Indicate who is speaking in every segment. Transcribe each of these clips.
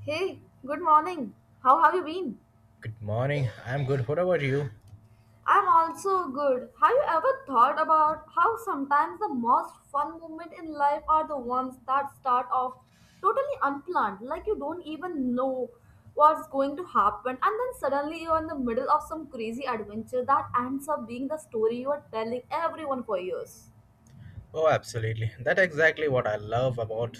Speaker 1: Hey, good morning. How have you been?
Speaker 2: Good morning. I'm good. What about you?
Speaker 1: I'm also good. Have you ever thought about how sometimes the most fun moments in life are the ones that start off totally unplanned, like you don't even know what's going to happen, and then suddenly you're in the middle of some crazy adventure that ends up being the story you are telling everyone for years?
Speaker 2: Oh, absolutely. That's exactly what I love about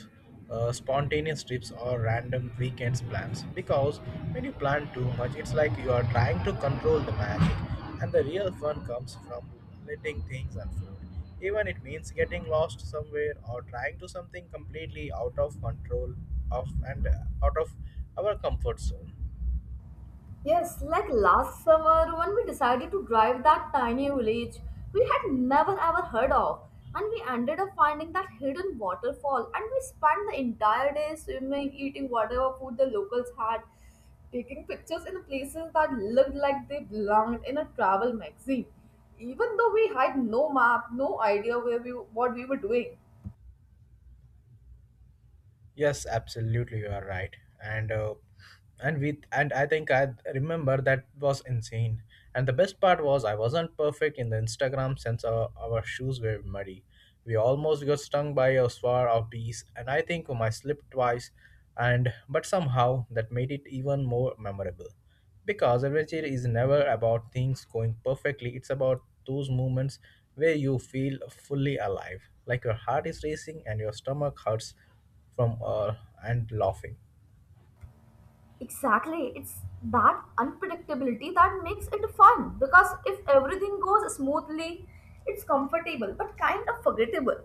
Speaker 2: spontaneous trips or random weekends plans. Because when you plan too much, it's like you are trying to control the magic, and the real fun comes from letting things unfold. Even it means getting lost somewhere or trying to something completely out of control of and out of our comfort zone.
Speaker 1: Yes, like last summer when we decided to drive that tiny village we had never ever heard of, and we ended up finding that hidden waterfall, and we spent the entire day swimming, eating whatever food the locals had, taking pictures in places that looked like they belonged in a travel magazine, even though we had no map, no idea where we what we were doing.
Speaker 2: Yes, absolutely, you are right. And and we and I think I remember that was insane. And the best part was I wasn't perfect in the Instagram since our shoes were muddy. We almost got stung by a swarm of bees, and I think I slipped twice. And but somehow that made it even more memorable, because adventure is never about things going perfectly. It's about those moments where you feel fully alive, like your heart is racing and your stomach hurts from and laughing
Speaker 1: Exactly. It's that unpredictability that makes it fun because if everything goes smoothly, it's comfortable but kind of forgettable.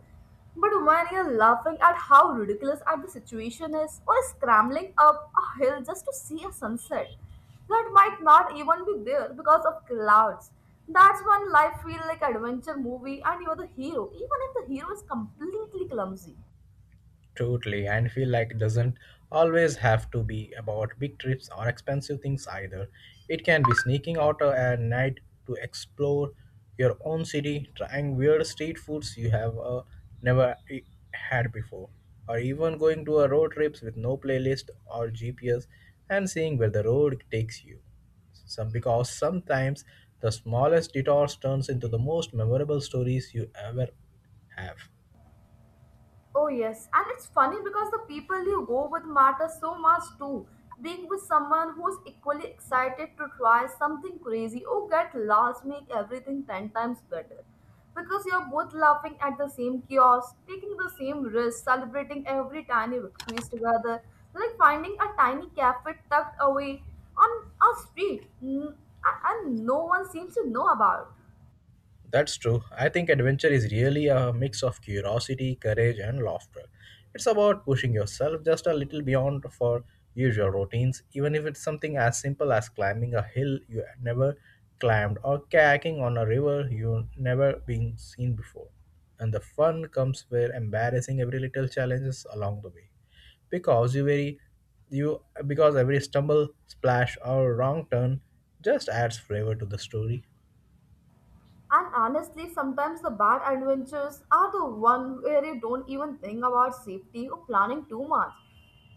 Speaker 1: But when you're laughing at how ridiculous at the situation is or scrambling up a hill just to see a sunset that might not even be there because of clouds, that's when life feels like adventure movie and you're the hero even if the hero is completely clumsy.
Speaker 2: totally and feel like doesn't always have to be about big trips or expensive things either. It can be sneaking out at night to explore your own city trying weird street foods you have never e- had before, or even going to a road trips with no playlist or gps and seeing where the road takes you some because sometimes the smallest detours turns into the most memorable stories you ever have.
Speaker 1: Oh yes, and it's funny because the people you go with matter so much too. Being with someone who's equally excited to try something crazy or get lost make everything 10 times better. Because you're both laughing at the same chaos, taking the same risk, celebrating every tiny victories together, like finding a tiny cafe tucked away on a street and no one seems to know about.
Speaker 2: That's true. I think adventure is really a mix of curiosity, courage, and laughter. It's about pushing yourself just a little beyond for usual routines, even if it's something as simple as climbing a hill you had never climbed or kayaking on a river you've never been seen before. And the fun comes where embarrassing every little challenges along the way. Because you because every stumble, splash, or wrong turn just adds flavor to the story.
Speaker 1: And honestly, sometimes the bad adventures are the one where you don't even think about safety or planning too much.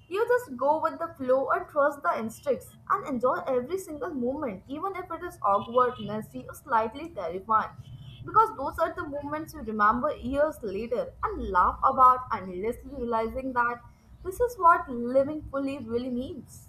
Speaker 1: You just go with the flow and trust the instincts and enjoy every single moment, even if it is awkward, messy, or slightly terrifying. Because those are the moments you remember years later and laugh about, endlessly realizing that this is what living fully really means.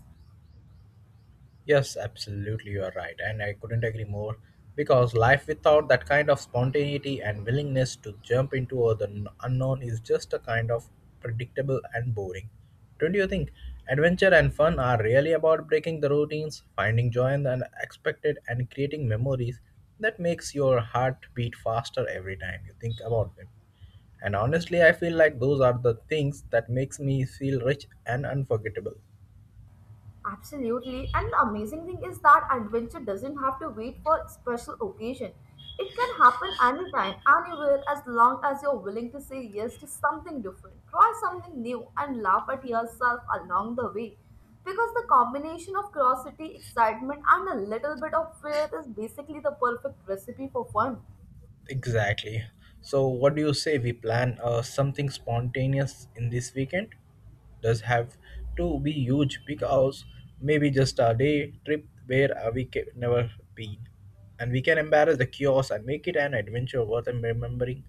Speaker 2: Yes, absolutely, you are right, and I couldn't agree more. Because life without that kind of spontaneity and willingness to jump into the unknown is just a kind of predictable and boring. Don't you think? Adventure and fun are really about breaking the routines, finding joy in the unexpected, and creating memories that makes your heart beat faster every time you think about them. And honestly, I feel like those are the things that makes me feel rich and unforgettable.
Speaker 1: Absolutely. And the amazing thing is that adventure doesn't have to wait for special occasion. It can happen anytime, anywhere, as long as you're willing to say yes to something different. Try something new and laugh at yourself along the way. Because the combination of curiosity, excitement, and a little bit of fear is basically the perfect recipe for fun.
Speaker 2: Exactly. So, what do you say we plan something spontaneous in this weekend? Does have to be huge because maybe just a day trip where we can never been, and we can embarrass the chaos and make it an adventure worth remembering.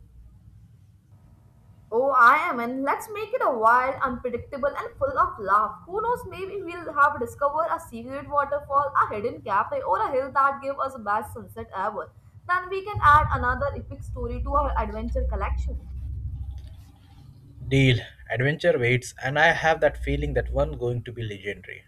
Speaker 1: Oh, I am, and let's make it a wild, unpredictable, and full of love. Who knows, maybe we'll have discovered a secret waterfall, a hidden cafe, or a hill that gave us the best sunset ever. Then we can add another epic story to our adventure collection.
Speaker 2: Deal. Adventure waits, and I have that feeling that one going to be legendary.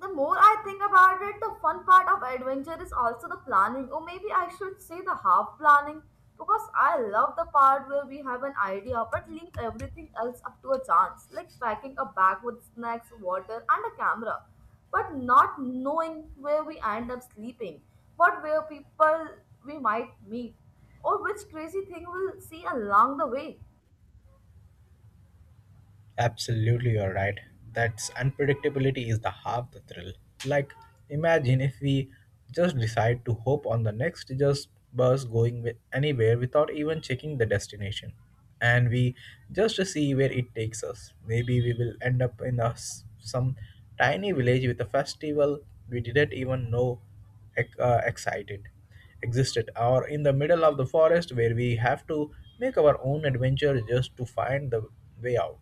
Speaker 1: The more I think about it, the fun part of adventure is also the planning, or maybe I should say the half planning, because I love the part where we have an idea but leave everything else up to a chance, like packing a bag with snacks, water, and a camera, but not knowing where we end up sleeping, what where people we might meet, or which crazy thing we'll see along the way.
Speaker 2: Absolutely, you're right. That's unpredictability is the half the thrill. Like, imagine if we just decide to hop on the next just bus going with anywhere without even checking the destination, and we just see where it takes us. Maybe we will end up in a, some tiny village with a festival we didn't even know excited existed, or in the middle of the forest where we have to make our own adventure just to find the way out.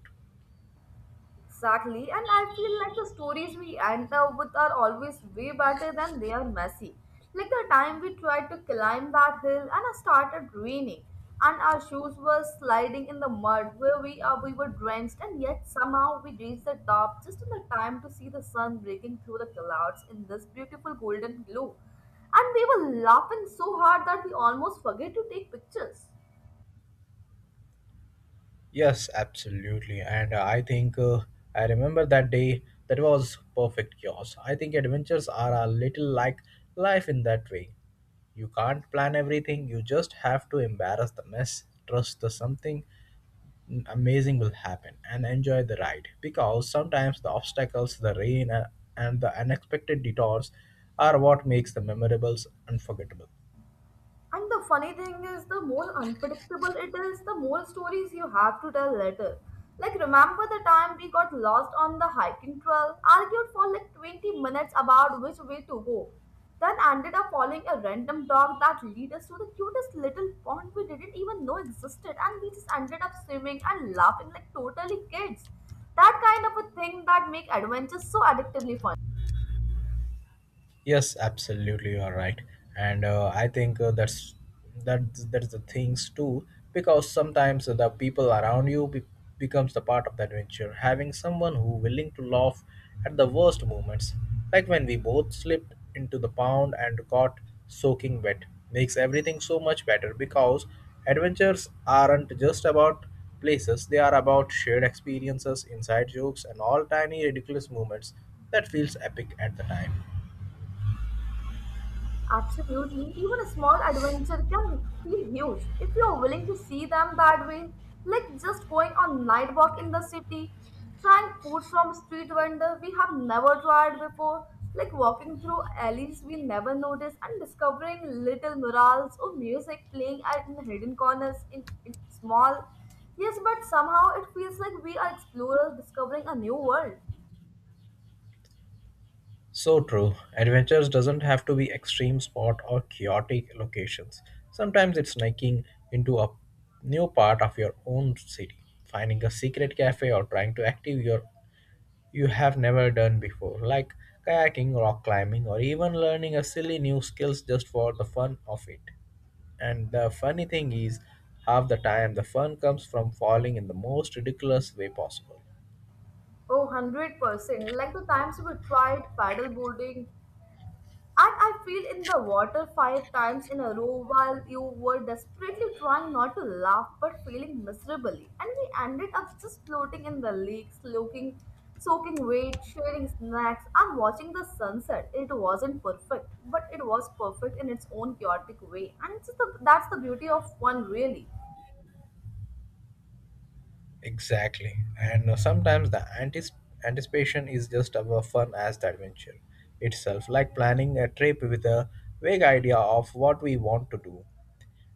Speaker 1: Exactly, and I feel like the stories we end up with are always way better than they are messy. Like the time we tried to climb that hill and it started raining, and our shoes were sliding in the mud where we are, we were drenched, and yet somehow we reached the top just in the time to see the sun breaking through the clouds in this beautiful golden glow. And we were laughing so hard that we almost forget to take pictures.
Speaker 2: Yes, absolutely. And I think I remember that day that was perfect chaos. I think adventures are a little like life in that way. You can't plan everything, you just have to embarrass the mess, trust that something amazing will happen, and enjoy the ride. Because sometimes the obstacles, the rain, and the unexpected detours are what makes the memorables unforgettable.
Speaker 1: And the funny thing is, the more unpredictable it is, the more stories you have to tell later. Like, remember the time we got lost on the hiking trail, argued for like 20 minutes about which way to go, then ended up following a random dog that lead us to the cutest little pond we didn't even know existed, and we just ended up swimming and laughing like totally kids. That kind of a thing that make adventures so addictively fun.
Speaker 2: Yes, absolutely, you are right, and I think that that's the things too, because sometimes the people around you becomes the part of the adventure. Having someone who willing to laugh at the worst moments, like when we both slipped into the pond and got soaking wet, makes everything so much better. Because adventures aren't just about places; they are about shared experiences, inside jokes, and all tiny ridiculous moments that feels epic at the time.
Speaker 1: Absolutely, even a small adventure can feel huge if you are willing to see them that way. Like just going on night walk in the city, trying food from street vendor we have never tried before, like walking through alleys we never noticed and discovering little murals or music playing at in hidden corners in small. Yes, but somehow it feels like we are explorers discovering a new world.
Speaker 2: So true. Adventures doesn't have to be extreme sport or chaotic locations. Sometimes it's sneaking into a new part of your own city, finding a secret cafe or trying to active your you have never done before, like kayaking, rock climbing, or even learning a silly new skills just for the fun of it. And the funny thing is, half the time the fun comes from falling in the most ridiculous way possible.
Speaker 1: Oh, 100%. Like the times we tried paddle boarding. And I feel in the water 5 times in a row while you were desperately trying not to laugh but feeling miserably. And we ended up just floating in the lake, soaking wet, sharing snacks, and watching the sunset. It wasn't perfect, but it was perfect in its own chaotic way. And that's the beauty of one, really.
Speaker 2: Exactly. And sometimes the anticipation is just our fun as the adventure itself, like planning a trip with a vague idea of what we want to do,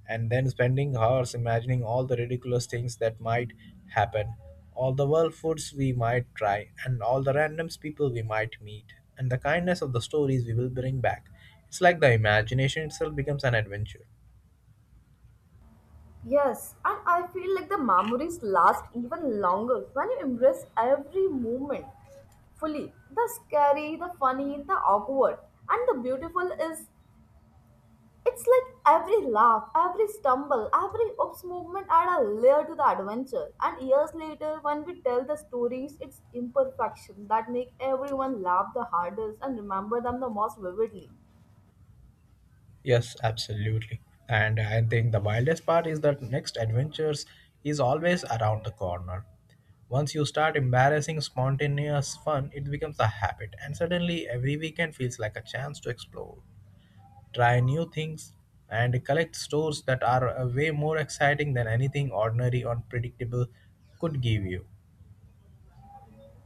Speaker 2: and then spending hours imagining all the ridiculous things that might happen, all the world foods we might try, and all the randoms people we might meet, and the kindness of the stories we will bring back. It's like the imagination itself becomes an adventure.
Speaker 1: Yes, and I feel like the memories last even longer when you embrace every moment fully. The scary, the funny, the awkward, and the beautiful is it's like every laugh, every stumble, every oops movement add a layer to the adventure. And years later, when we tell the stories, it's imperfection that make everyone laugh the hardest and remember them the most vividly.
Speaker 2: Yes, absolutely. And I think the wildest part is that next adventures is always around the corner. Once you start embarrassing spontaneous fun, it becomes a habit, and suddenly every weekend feels like a chance to explore, try new things, and collect stores that are way more exciting than anything ordinary or predictable could give you.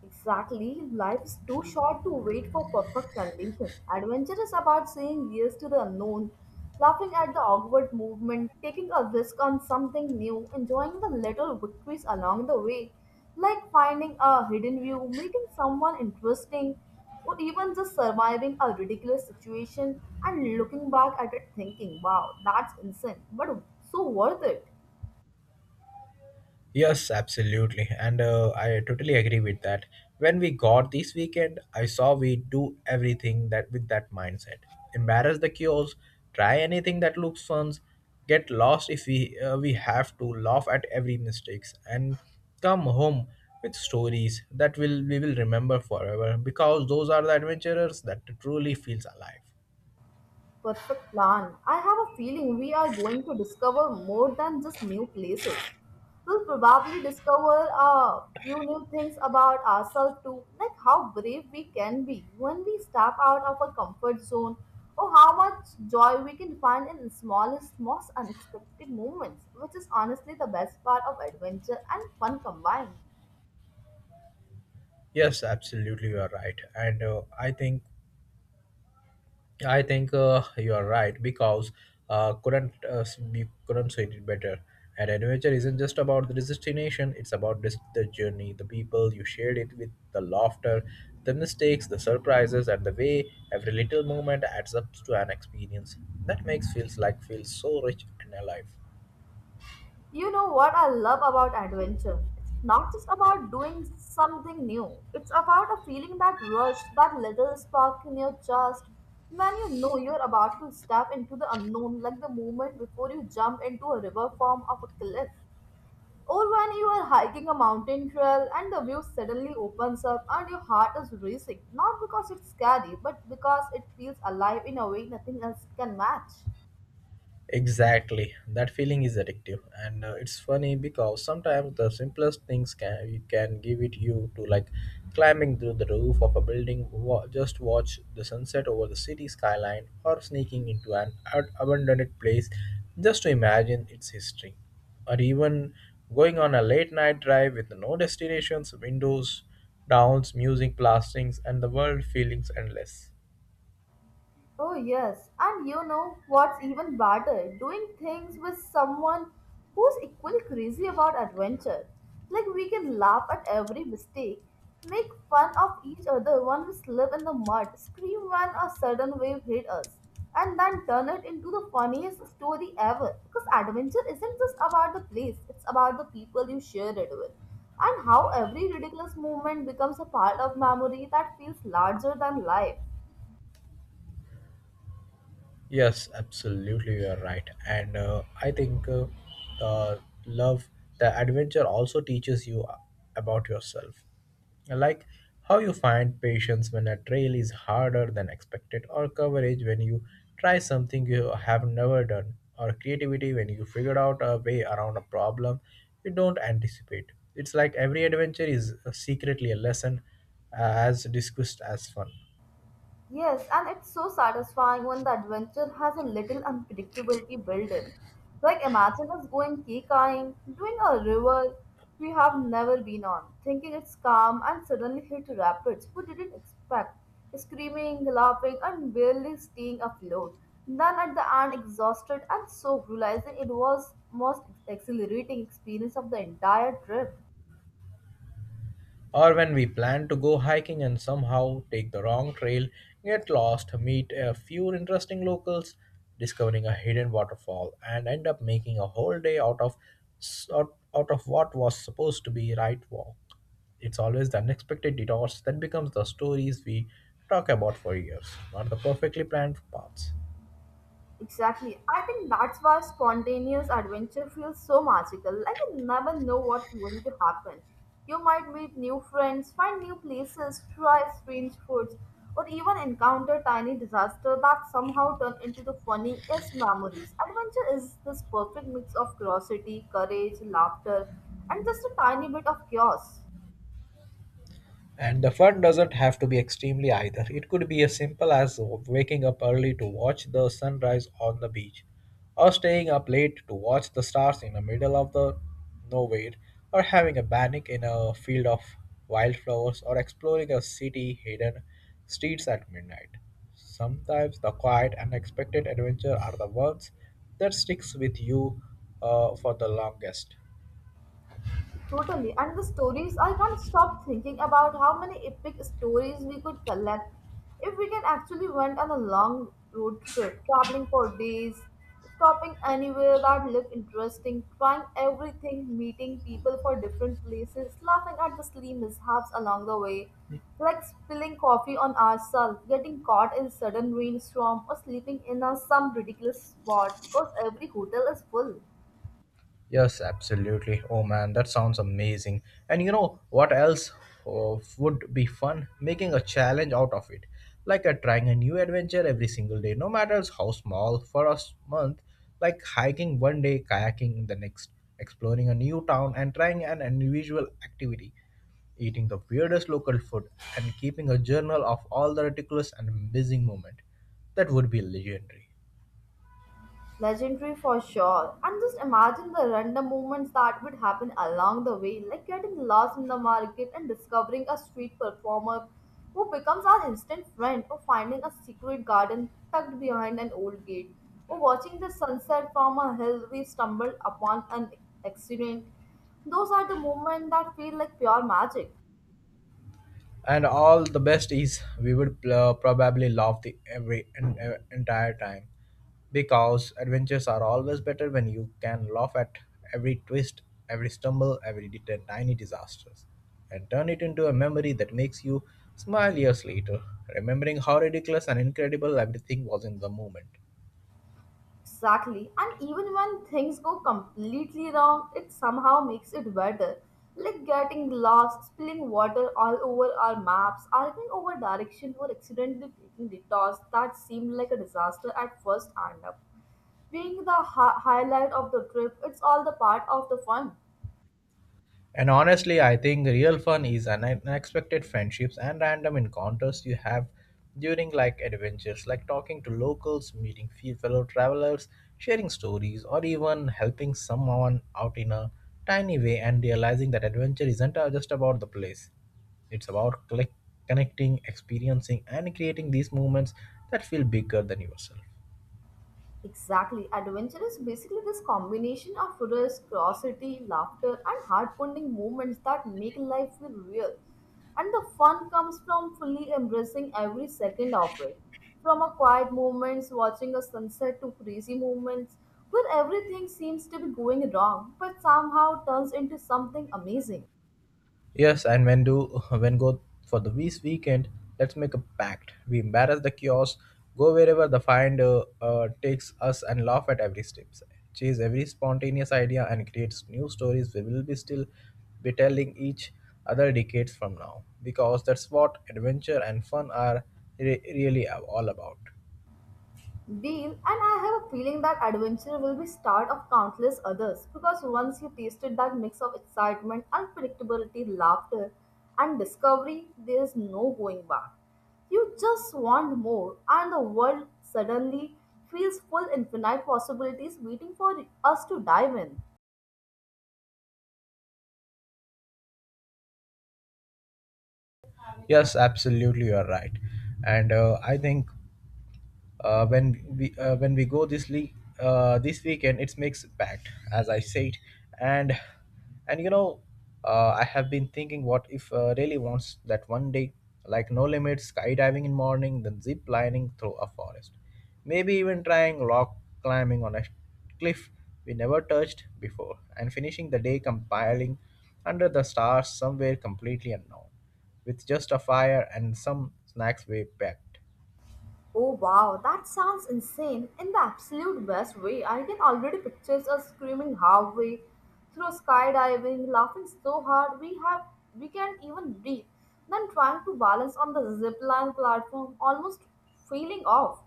Speaker 1: Exactly, life is too short to wait for perfect condition. Adventure is about saying yes to the unknown, laughing at the awkward movement, taking a risk on something new, enjoying the little victories along the way, like finding a hidden view, meeting someone interesting, or even just surviving a ridiculous situation and looking back at it thinking, wow, that's insane, but so worth it.
Speaker 2: Yes, absolutely. And I totally agree with that. When we got this weekend, I saw we do everything that with that mindset. Embarrass the cures, try anything that looks fun, get lost if we have to, laugh at every mistakes and come home with stories that will we will remember forever because those are the adventurers that truly feels alive.
Speaker 1: Perfect plan. I have a feeling we are going to discover more than just new places. We'll probably discover a few new things about ourselves too, like how brave we can be when we step out of our comfort zone, or how much joy we can find in the smallest, most unexpected moments, which is honestly the best part of adventure and fun combined.
Speaker 2: Yes, absolutely, you are right. And I think you are right because couldn't we couldn't say it better. And adventure isn't just about the destination; it's about this, the journey, the people you shared it with, the laughter, the mistakes, the surprises, and the way every little moment adds up to an experience that makes feels like feels so rich and alive.
Speaker 1: You know what I love about adventure? It's not just about doing something new. It's about a feeling that rush, that little spark in your chest when you know you're about to step into the unknown, like the moment before you jump into a river form of a cliff. Or when you are hiking a mountain trail and the view suddenly opens up and your heart is racing, not because it's scary, but because it feels alive in a way nothing else can match.
Speaker 2: Exactly. That feeling is addictive, and it's funny because sometimes the simplest things can you can give it you to like climbing through the roof of a building, just watch the sunset over the city skyline, or sneaking into an abandoned place just to imagine its history, or even going on a late night drive with no destinations, windows, downs, music blastings, and the world feelings endless.
Speaker 1: Oh, yes. And you know what's even better? Doing things with someone who's equally crazy about adventure. Like, we can laugh at every mistake, make fun of each other when we slip in the mud, scream when a sudden wave hit us, and then turn it into the funniest story ever. Because adventure isn't just about the place, it's about the people you share it with. And how every ridiculous moment becomes a part of memory that feels larger than life.
Speaker 2: Yes, absolutely, you are right. And I think the love, the adventure also teaches you about yourself. Like how you find patience when a trail is harder than expected, or courage when you try something you have never done, or creativity when you figure out a way around a problem you don't anticipate. It's like every adventure is secretly a lesson as discussed as fun.
Speaker 1: Yes, and it's so satisfying when the adventure has a little unpredictability built in. Like imagine us going key kayaking, doing a river we have never been on, thinking it's calm and suddenly hit rapids we didn't expect, screaming, laughing, and barely staying afloat. Then at the end, exhausted and soaked, realizing it was most exhilarating experience of the entire trip.
Speaker 2: Or when we plan to go hiking and somehow take the wrong trail, get lost, meet a few interesting locals, discovering a hidden waterfall, and end up making a whole day out of out of what was supposed to be right walk. It's always the unexpected detours that becomes the stories we talk about for years, not the perfectly planned paths.
Speaker 1: Exactly. I think that's why spontaneous adventure feels so magical. Like you never know what's going to happen. You might meet new friends, find new places, try strange foods, or even encounter tiny disaster that somehow turn into the funniest memories. Adventure is this perfect mix of curiosity, courage, laughter, and just a tiny bit of chaos.
Speaker 2: And the fun doesn't have to be extremely either. It could be as simple as waking up early to watch the sunrise on the beach, or staying up late to watch the stars in the middle of the nowhere, or having a picnic in a field of wildflowers, or exploring a city hidden streets at midnight. Sometimes the quiet, unexpected adventure are the ones that sticks with you for the longest.
Speaker 1: Totally. And the stories, I can't stop thinking about how many epic stories we could collect if we can actually went on a long road trip, traveling for days, stopping anywhere that looked interesting, trying everything, meeting people for different places, laughing at the silly mishaps along the way, like spilling coffee on ourselves, getting caught in sudden rainstorm, or sleeping in a, some ridiculous spot because every hotel is full.
Speaker 2: Yes, absolutely. Oh man, that sounds amazing. And you know what else would be fun? Making a challenge out of it. Like trying a new adventure every single day, no matter how small, for a month. Like hiking one day, kayaking the next, exploring a new town, and trying an unusual activity. Eating the weirdest local food, and keeping a journal of all the ridiculous and amazing moments. That would be legendary.
Speaker 1: Legendary for sure. And just imagine the random movements that would happen along the way, like getting lost in the market and discovering a street performer who becomes our instant friend, or finding a secret garden tucked behind an old gate, or watching the sunset from a hill we stumbled upon an accident. Those are the moments that feel like pure magic.
Speaker 2: And all the best is we would probably laugh the entire time because adventures are always better when you can laugh at every twist, every stumble, every tiny disasters, and turn it into a memory that makes you smile years later remembering how ridiculous and incredible everything was in the moment.
Speaker 1: Exactly. And even when things go completely wrong, it somehow makes it better. Like getting lost, spilling water all over our maps, arguing over direction, or accidentally taking detours that seemed like a disaster at first end up. Being the highlight of the trip, it's all the part of the fun.
Speaker 2: And honestly, I think real fun is an unexpected friendships and random encounters you have during like adventures, like talking to locals, meeting fellow travelers, sharing stories, or even helping someone out in a tiny way and realizing that adventure isn't just about the place. It's about connecting, experiencing, and creating these moments that feel bigger than yourself.
Speaker 1: Exactly. Adventure is basically this combination of risk, curiosity, laughter, and heart-pounding moments that make life feel real. And the fun comes from fully embracing every second of it. From a quiet moments, watching a sunset to crazy moments where everything seems to be going wrong but somehow turns into something amazing.
Speaker 2: Yes, and when do when go for the this weekend, let's make a pact. We embarrass the kiosk, go wherever the find takes us, and laugh at every step. Chase every spontaneous idea and creates new stories. We will be still be telling each other decades from now because that's what adventure and fun are really all about.
Speaker 1: Deal, and I have a feeling that adventure will be start of countless others because once you tasted that mix of excitement, unpredictability, laughter, and discovery, there is no going back. You just want more, and the world suddenly feels full infinite possibilities waiting for us to dive in.
Speaker 2: Yes, absolutely, you are right, and I think. When we go this league this weekend it makes packed as I said and and I have been thinking what if really wants that one day, like no limits skydiving in morning, then zip lining through a forest, maybe even trying rock climbing on a cliff we never touched before, and finishing the day compiling under the stars somewhere completely unknown with just a fire and some snacks we packed.
Speaker 1: Oh wow, that sounds insane in the absolute best way. I can already picture us screaming halfway through skydiving, laughing so hard we can't even breathe, then trying to balance on the zipline platform, almost feeling off,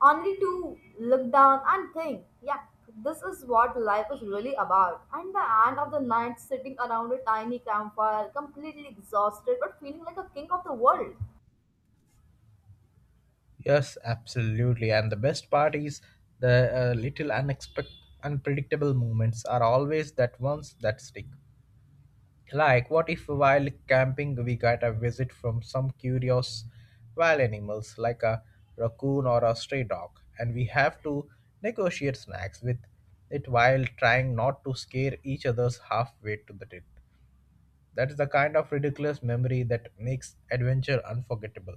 Speaker 1: only to look down and think, yeah, this is what life is really about. And the end of the night, sitting around a tiny campfire, completely exhausted but feeling like a king of the world.
Speaker 2: Yes, absolutely. And the best part is the little unexpected, unpredictable moments are always that ones that stick. Like, what if while camping we got a visit from some curious wild animals like a raccoon or a stray dog, and we have to negotiate snacks with it while trying not to scare each other's halfway to the trip. That is the kind of ridiculous memory that makes adventure unforgettable.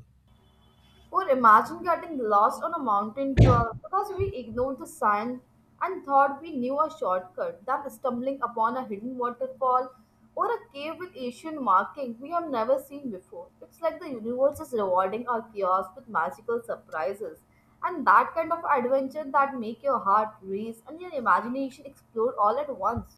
Speaker 1: Or imagine getting lost on a mountain trail because we ignored the sign and thought we knew a shortcut, then stumbling upon a hidden waterfall or a cave with ancient markings we have never seen before. It's like the universe is rewarding our chaos with magical surprises. And that kind of adventure that make your heart race and your imagination explode all at once.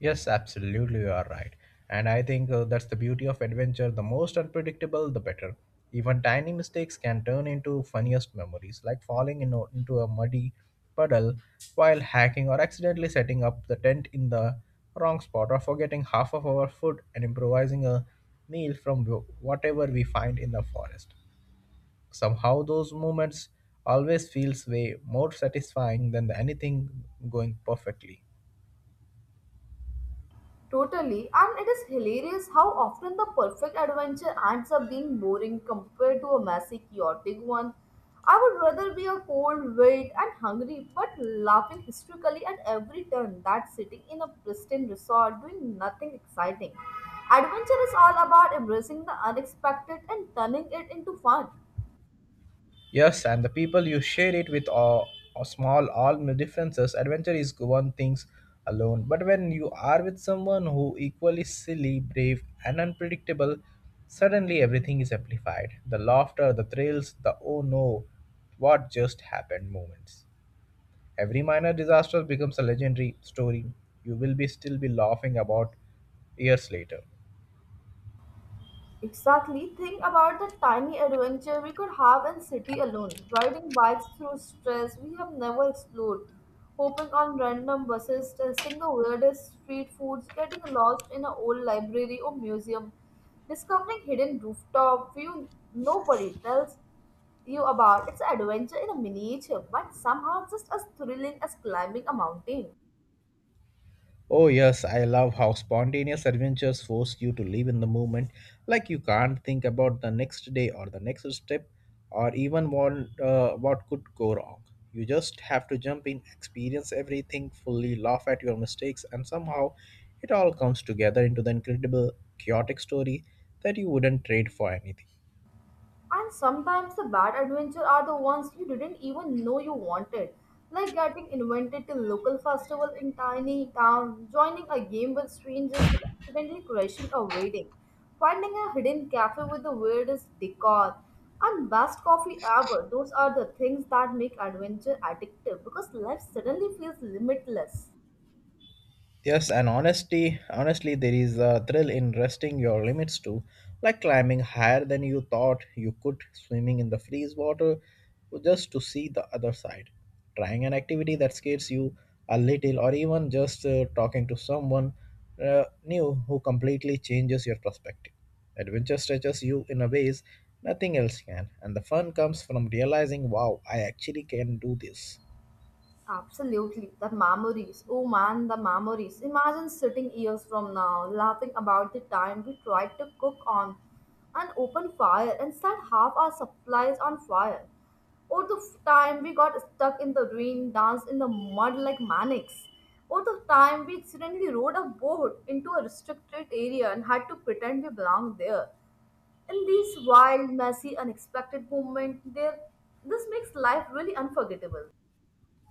Speaker 2: Yes, absolutely, you are right. And I think that's the beauty of adventure. The most unpredictable, the better. Even tiny mistakes can turn into funniest memories, like falling in, into a muddy puddle while hacking, or accidentally setting up the tent in the wrong spot, or forgetting half of our food and improvising a meal from whatever we find in the forest. Somehow those moments always feels way more satisfying than the anything going perfectly.
Speaker 1: Totally, and it is hilarious how often the perfect adventure ends up being boring compared to a messy, chaotic one. I would rather be a cold, wet, and hungry, but laughing hysterically at every turn than sitting in a pristine resort doing nothing exciting. Adventure is all about embracing the unexpected and turning it into fun.
Speaker 2: Yes, and the people you share it with are small, all differences. Adventure is one things alone, but when you are with someone who equally silly, brave, and unpredictable, suddenly everything is amplified. The laughter, the thrills, the oh no, what just happened moments. Every minor disaster becomes a legendary story you will be still be laughing about years later.
Speaker 1: Exactly. Think about the tiny adventure we could have in city alone. Riding bikes through stress we have never explored. Hopping on random buses, testing the weirdest street foods, getting lost in an old library or museum, discovering hidden rooftop view nobody tells you about. It's an adventure in a miniature, but somehow just as thrilling as climbing a mountain.
Speaker 2: Oh, yes, I love how spontaneous adventures force you to live in the moment. Like you can't think about the next day or the next step or even what could go wrong. You just have to jump in, experience everything fully, laugh at your mistakes, and somehow it all comes together into the incredible, chaotic story that you wouldn't trade for anything.
Speaker 1: And sometimes the bad adventure are the ones you didn't even know you wanted, like getting invited to local festival in tiny town, joining a game with strangers, or accidentally crashing a wedding, finding a hidden cafe with the weirdest decor, and best coffee ever. Those are the things that make adventure addictive because life suddenly feels limitless.
Speaker 2: Yes, and honestly, there is a thrill in resting your limits too, like climbing higher than you thought you could, swimming in the freeze water just to see the other side, trying an activity that scares you a little, or even just talking to someone new who completely changes your perspective. Adventure stretches you in a ways nothing else can, and the fun comes from realizing, wow, I actually can do this.
Speaker 1: Absolutely, the memories. Oh man, the memories. Imagine sitting years from now, laughing about the time we tried to cook on an open fire and set half our supplies on fire. Or the time we got stuck in the rain, danced in the mud like maniacs. Or the time we accidentally rode a boat into a restricted area and had to pretend we belonged there. In these wild, messy, unexpected moments, there this makes life really unforgettable.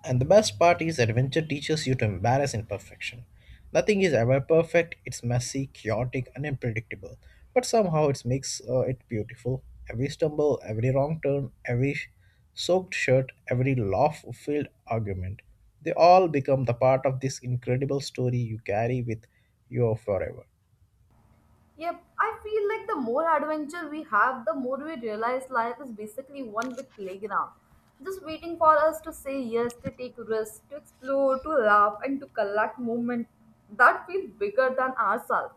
Speaker 2: And the best part is adventure teaches you to embrace imperfection. Nothing is ever perfect, it's messy, chaotic, and unpredictable. But somehow it makes it beautiful. Every stumble, every wrong turn, every soaked shirt, every laugh filled argument, they all become the part of this incredible story you carry with you forever.
Speaker 1: Yep, I feel like the more adventure we have, the more we realize life is basically one big playground. Just waiting for us to say yes, to take risks, to explore, to laugh, and to collect moments that feel bigger than ourselves.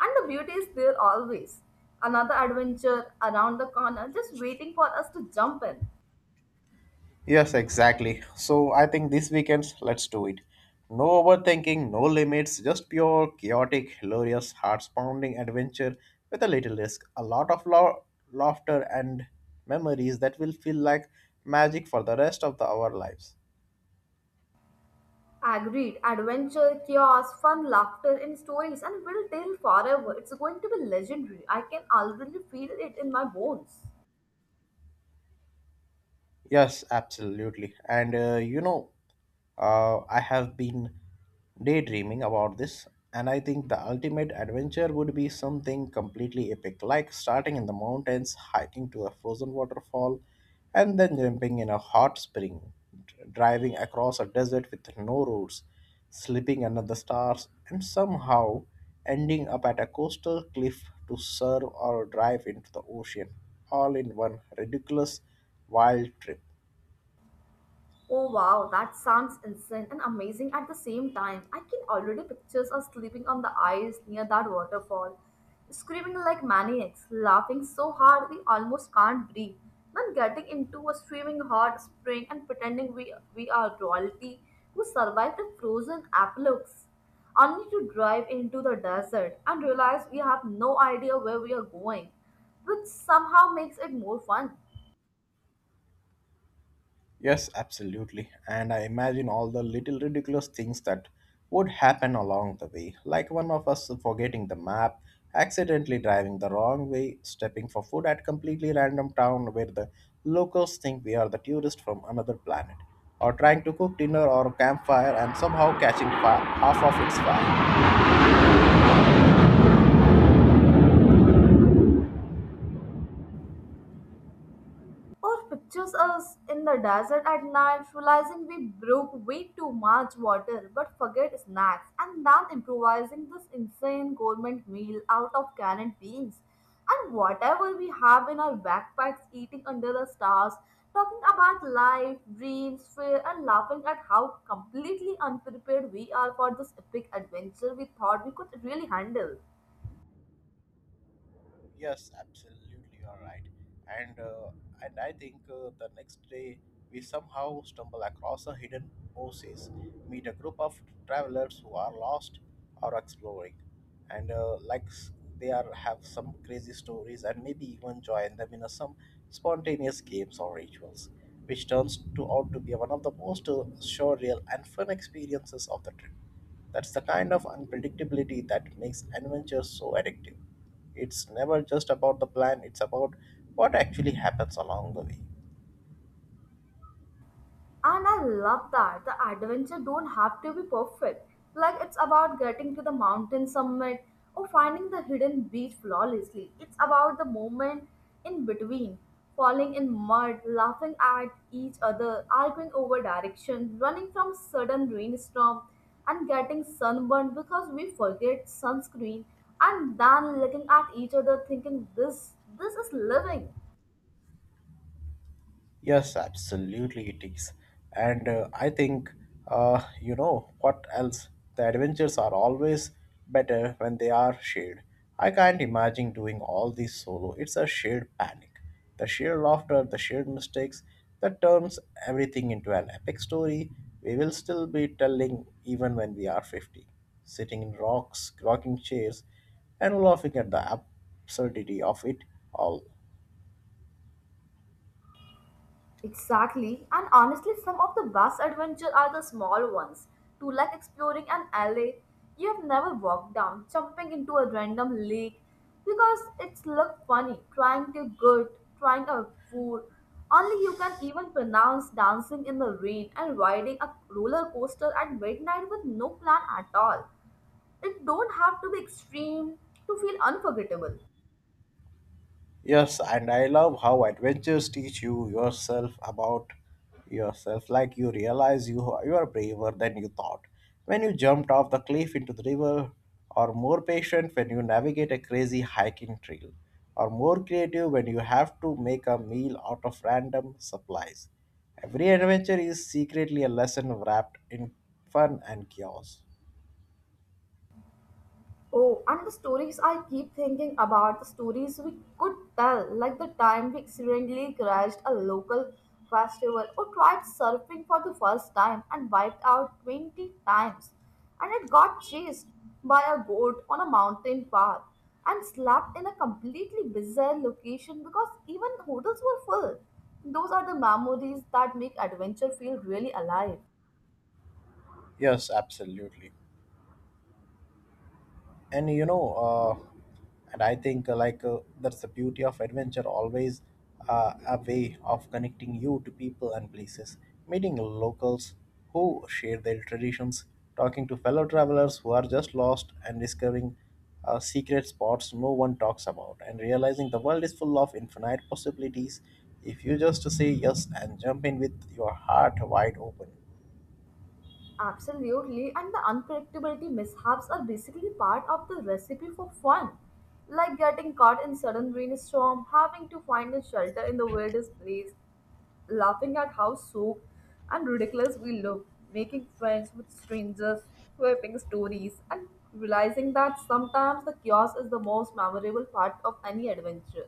Speaker 1: And the beauty is there always. Another adventure around the corner, just waiting for us to jump in.
Speaker 2: Yes, exactly. So I think this weekend, let's do it. No overthinking, no limits, just pure, chaotic, hilarious, heart-pounding adventure with a little risk, a lot of laughter and memories that will feel like magic for the rest of our lives.
Speaker 1: Agreed, adventure, chaos, fun, laughter, and stories, and will tell forever. It's going to be legendary. I can already feel it in my bones.
Speaker 2: Yes, absolutely. And you know, I have been daydreaming about this, and I think the ultimate adventure would be something completely epic, like starting in the mountains, hiking to a frozen waterfall, and then jumping in a hot spring, driving across a desert with no roads, slipping under the stars, and somehow ending up at a coastal cliff to surf or drive into the ocean, all in one ridiculous wild trip.
Speaker 1: Oh wow, that sounds insane and amazing at the same time. I can already picture us sleeping on the ice near that waterfall, screaming like maniacs, laughing so hard we almost can't breathe, then getting into a streaming hot spring and pretending we are royalty who survived the frozen apocalypse, only to drive into the desert and realize we have no idea where we are going, which somehow makes it more fun.
Speaker 2: Yes, absolutely. And I imagine all the little ridiculous things that would happen along the way, like one of us forgetting the map, accidentally driving the wrong way, stepping for food at completely random town where the locals think we are the tourists from another planet, or trying to cook dinner or a campfire and somehow catching half of its fire.
Speaker 1: Or pictures us in the desert at night, realizing we broke way too much water but forget snacks, and then improvising this insane gourmet meal out of canned beans and whatever we have in our backpacks, eating under the stars, talking about life, dreams, fear, and laughing at how completely unprepared we are for this epic adventure we thought we could really handle.
Speaker 2: Yes, absolutely, you're right. And I think the next day we somehow stumble across a hidden oasis, meet a group of travelers who are lost or exploring, and they are have some crazy stories and maybe even join them in a, some spontaneous games or rituals, which turns to out to be one of the most surreal and fun experiences of the trip. That's the kind of unpredictability that makes adventure so addictive. It's never just about the plan, it's about what actually happens along the way.
Speaker 1: And I love that the adventure don't have to be perfect. Like it's about getting to the mountain summit or finding the hidden beach flawlessly. It's about the moment in between, falling in mud, laughing at each other, arguing over direction, running from sudden rainstorm, and getting sunburned because we forget sunscreen, and then looking at each other thinking this is living.
Speaker 2: Yes, absolutely it is. And I think, you know, what else? The adventures are always better when they are shared. I can't imagine doing all this solo. It's a shared panic. The shared laughter, the shared mistakes, that turns everything into an epic story we will still be telling even when we are 50. Sitting in rocks, rocking chairs, and laughing at the absurdity of it all.
Speaker 1: Exactly, and honestly, some of the best adventures are the small ones. To like exploring an alley you have never walked down, jumping into a random lake because it's looked funny, trying a food. Only you can even pronounce dancing in the rain and riding a roller coaster at midnight with no plan at all. It don't have to be extreme to feel unforgettable.
Speaker 2: Yes, and I love how adventures teach you yourself about yourself. Like you realize you are braver than you thought when you jumped off the cliff into the river, or more patient when you navigate a crazy hiking trail, or more creative when you have to make a meal out of random supplies. Every adventure is secretly a lesson wrapped in fun and chaos.
Speaker 1: Oh, and the stories I keep thinking about the stories we could tell, like the time we accidentally crashed a local festival or tried surfing for the first time and wiped out 20 times, and it got chased by a goat on a mountain path and slept in a completely bizarre location because even hotels were full. Those are the memories that make adventure feel really alive.
Speaker 2: Yes, absolutely. And you know and I think like That's the beauty of adventure, always a way of connecting you to people and places, meeting locals who share their traditions, talking to fellow travelers who are just lost, and discovering secret spots no one talks about, and realizing the world is full of infinite possibilities if you just say yes and jump in with your heart wide open.
Speaker 1: Absolutely, and the unpredictability mishaps are basically part of the recipe for fun. Like getting caught in sudden rainstorm, having to find a shelter in the weirdest place, laughing at how soaked and ridiculous we look, making friends with strangers, swapping stories, and realizing that sometimes the chaos is the most memorable part of any adventure.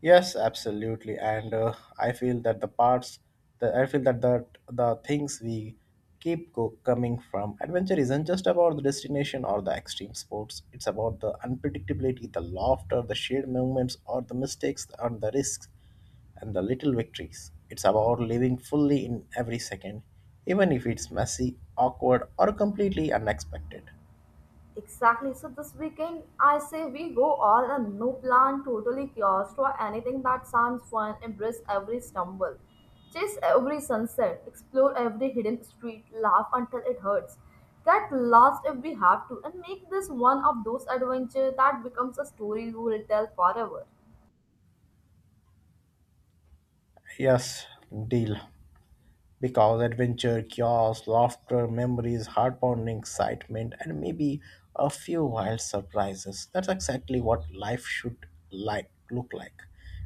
Speaker 2: Yes, absolutely, and I feel that I feel that the things we coming from adventure isn't just about the destination or the extreme sports. It's about the unpredictability, the laughter, the shared moments, or the mistakes and the risks, and the little victories. It's about living fully in every second, even if it's messy, awkward, or completely unexpected.
Speaker 1: Exactly. So this weekend, I say we go all a no plan, totally chaos claustro, anything that sounds fun, embrace every stumble, chase every sunset, explore every hidden street, laugh until it hurts, get lost if we have to, and make this one of those adventures that becomes a story we will tell forever.
Speaker 2: Yes, deal. Because adventure, chaos, laughter, memories, heart-pounding excitement, and maybe a few wild surprises. That's exactly what life should look like.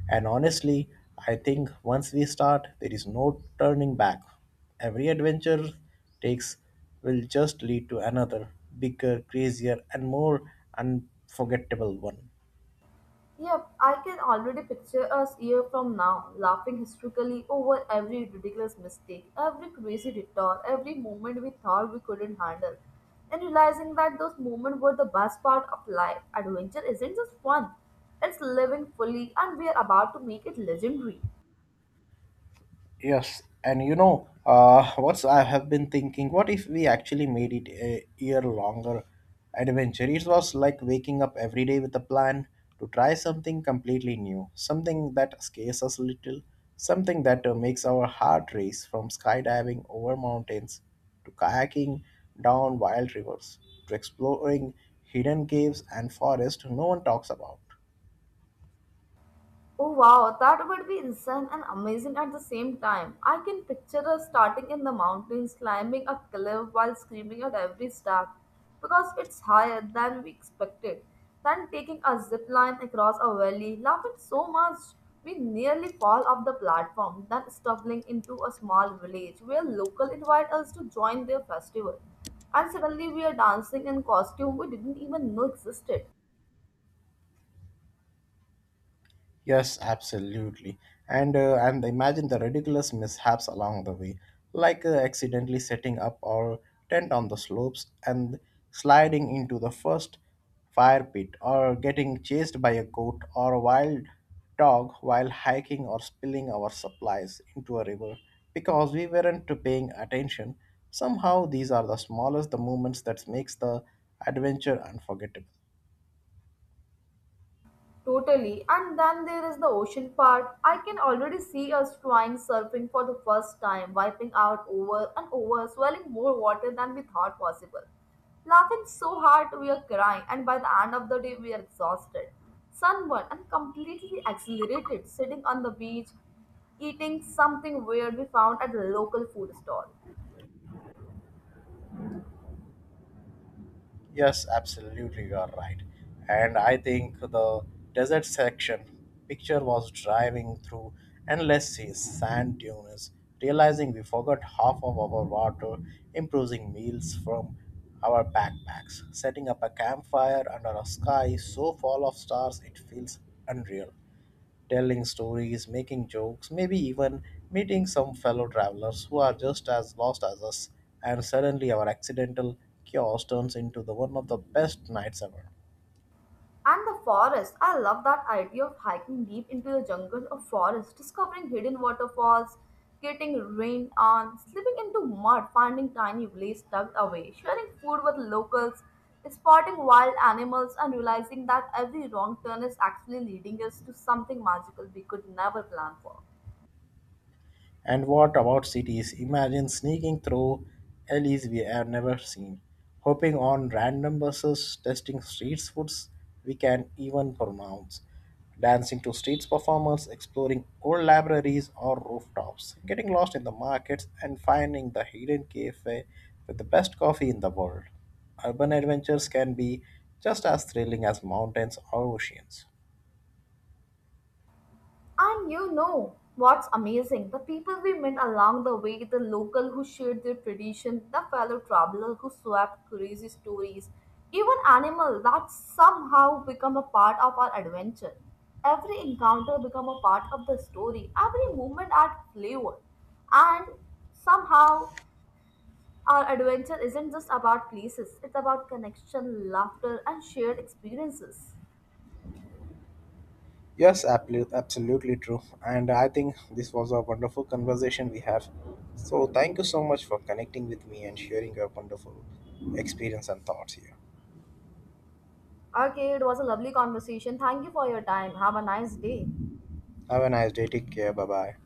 Speaker 2: And honestly, I think once we start, there is no turning back. Every adventure takes will just lead to another, bigger, crazier, and more unforgettable one.
Speaker 1: Yep, I can already picture us year from now, laughing hysterically over every ridiculous mistake, every crazy detour, every moment we thought we couldn't handle, and realizing that those moments were the best part of life. Adventure isn't just fun, it's living fully, and we are about to make it legendary.
Speaker 2: Yes, and you know, what's I have been thinking, what if we actually made it a year longer adventure? It was like waking up every day with a plan to try something completely new, something that scares us a little, something that makes our heart race, from skydiving over mountains to kayaking down wild rivers to exploring hidden caves and forests no one talks about.
Speaker 1: Oh wow, that would be insane and amazing at the same time. I can picture us starting in the mountains, climbing a cliff while screaming at every step because it's higher than we expected. Then taking a zip line across a valley, laughing so much we nearly fall off the platform, then stumbling into a small village where local invite us to join their festival. And suddenly we are dancing in costume we didn't even know existed.
Speaker 2: Yes, absolutely. And imagine the ridiculous mishaps along the way, like accidentally setting up our tent on the slopes and sliding into the first fire pit, or getting chased by a goat or a wild dog while hiking, or spilling our supplies into a river because we weren't paying attention. Somehow, these are the smallest the moments that makes the adventure unforgettable.
Speaker 1: Totally. And then there is the ocean part. I can already see us trying surfing for the first time, wiping out over and over, swelling more water than we thought possible. Laughing so hard we are crying, and by the end of the day, we are exhausted, sunburned, and completely exhilarated, sitting on the beach, eating something weird we found at a local food stall.
Speaker 2: Yes, absolutely, you are right. And I think the desert section picture was driving through endless seas, sand dunes, realizing we forgot half of our water, improvising meals from our backpacks, setting up a campfire under a sky so full of stars it feels unreal, telling stories, making jokes, maybe even meeting some fellow travelers who are just as lost as us, and suddenly our accidental chaos turns into the one of the best nights ever.
Speaker 1: And the forest. I love that idea of hiking deep into the jungle or forest, discovering hidden waterfalls, getting rained on, slipping into mud, finding tiny villages tucked away, sharing food with locals, spotting wild animals, and realizing that every wrong turn is actually leading us to something magical we could never plan for.
Speaker 2: And what about cities? Imagine sneaking through alleys we have never seen, hopping on random buses, testing street foods we can even pronounce, dancing to street performers, exploring old libraries or rooftops, getting lost in the markets, and finding the hidden cafe with the best coffee in the world. Urban adventures can be just as thrilling as mountains or oceans.
Speaker 1: And you know what's amazing? The people we met along the way, the local who shared their tradition, the fellow traveler who swapped crazy stories, even animal that somehow become a part of our adventure. Every encounter become a part of the story. Every moment add flavor. And somehow our adventure isn't just about places, it's about connection, laughter, and shared experiences.
Speaker 2: Yes, absolutely, absolutely true. And I think this was a wonderful conversation we have. So thank you so much for connecting with me and sharing your wonderful experience and thoughts here.
Speaker 1: Okay, it was a lovely conversation. Thank you for your time. Have a nice day.
Speaker 2: Have a nice day. Take care. Bye bye.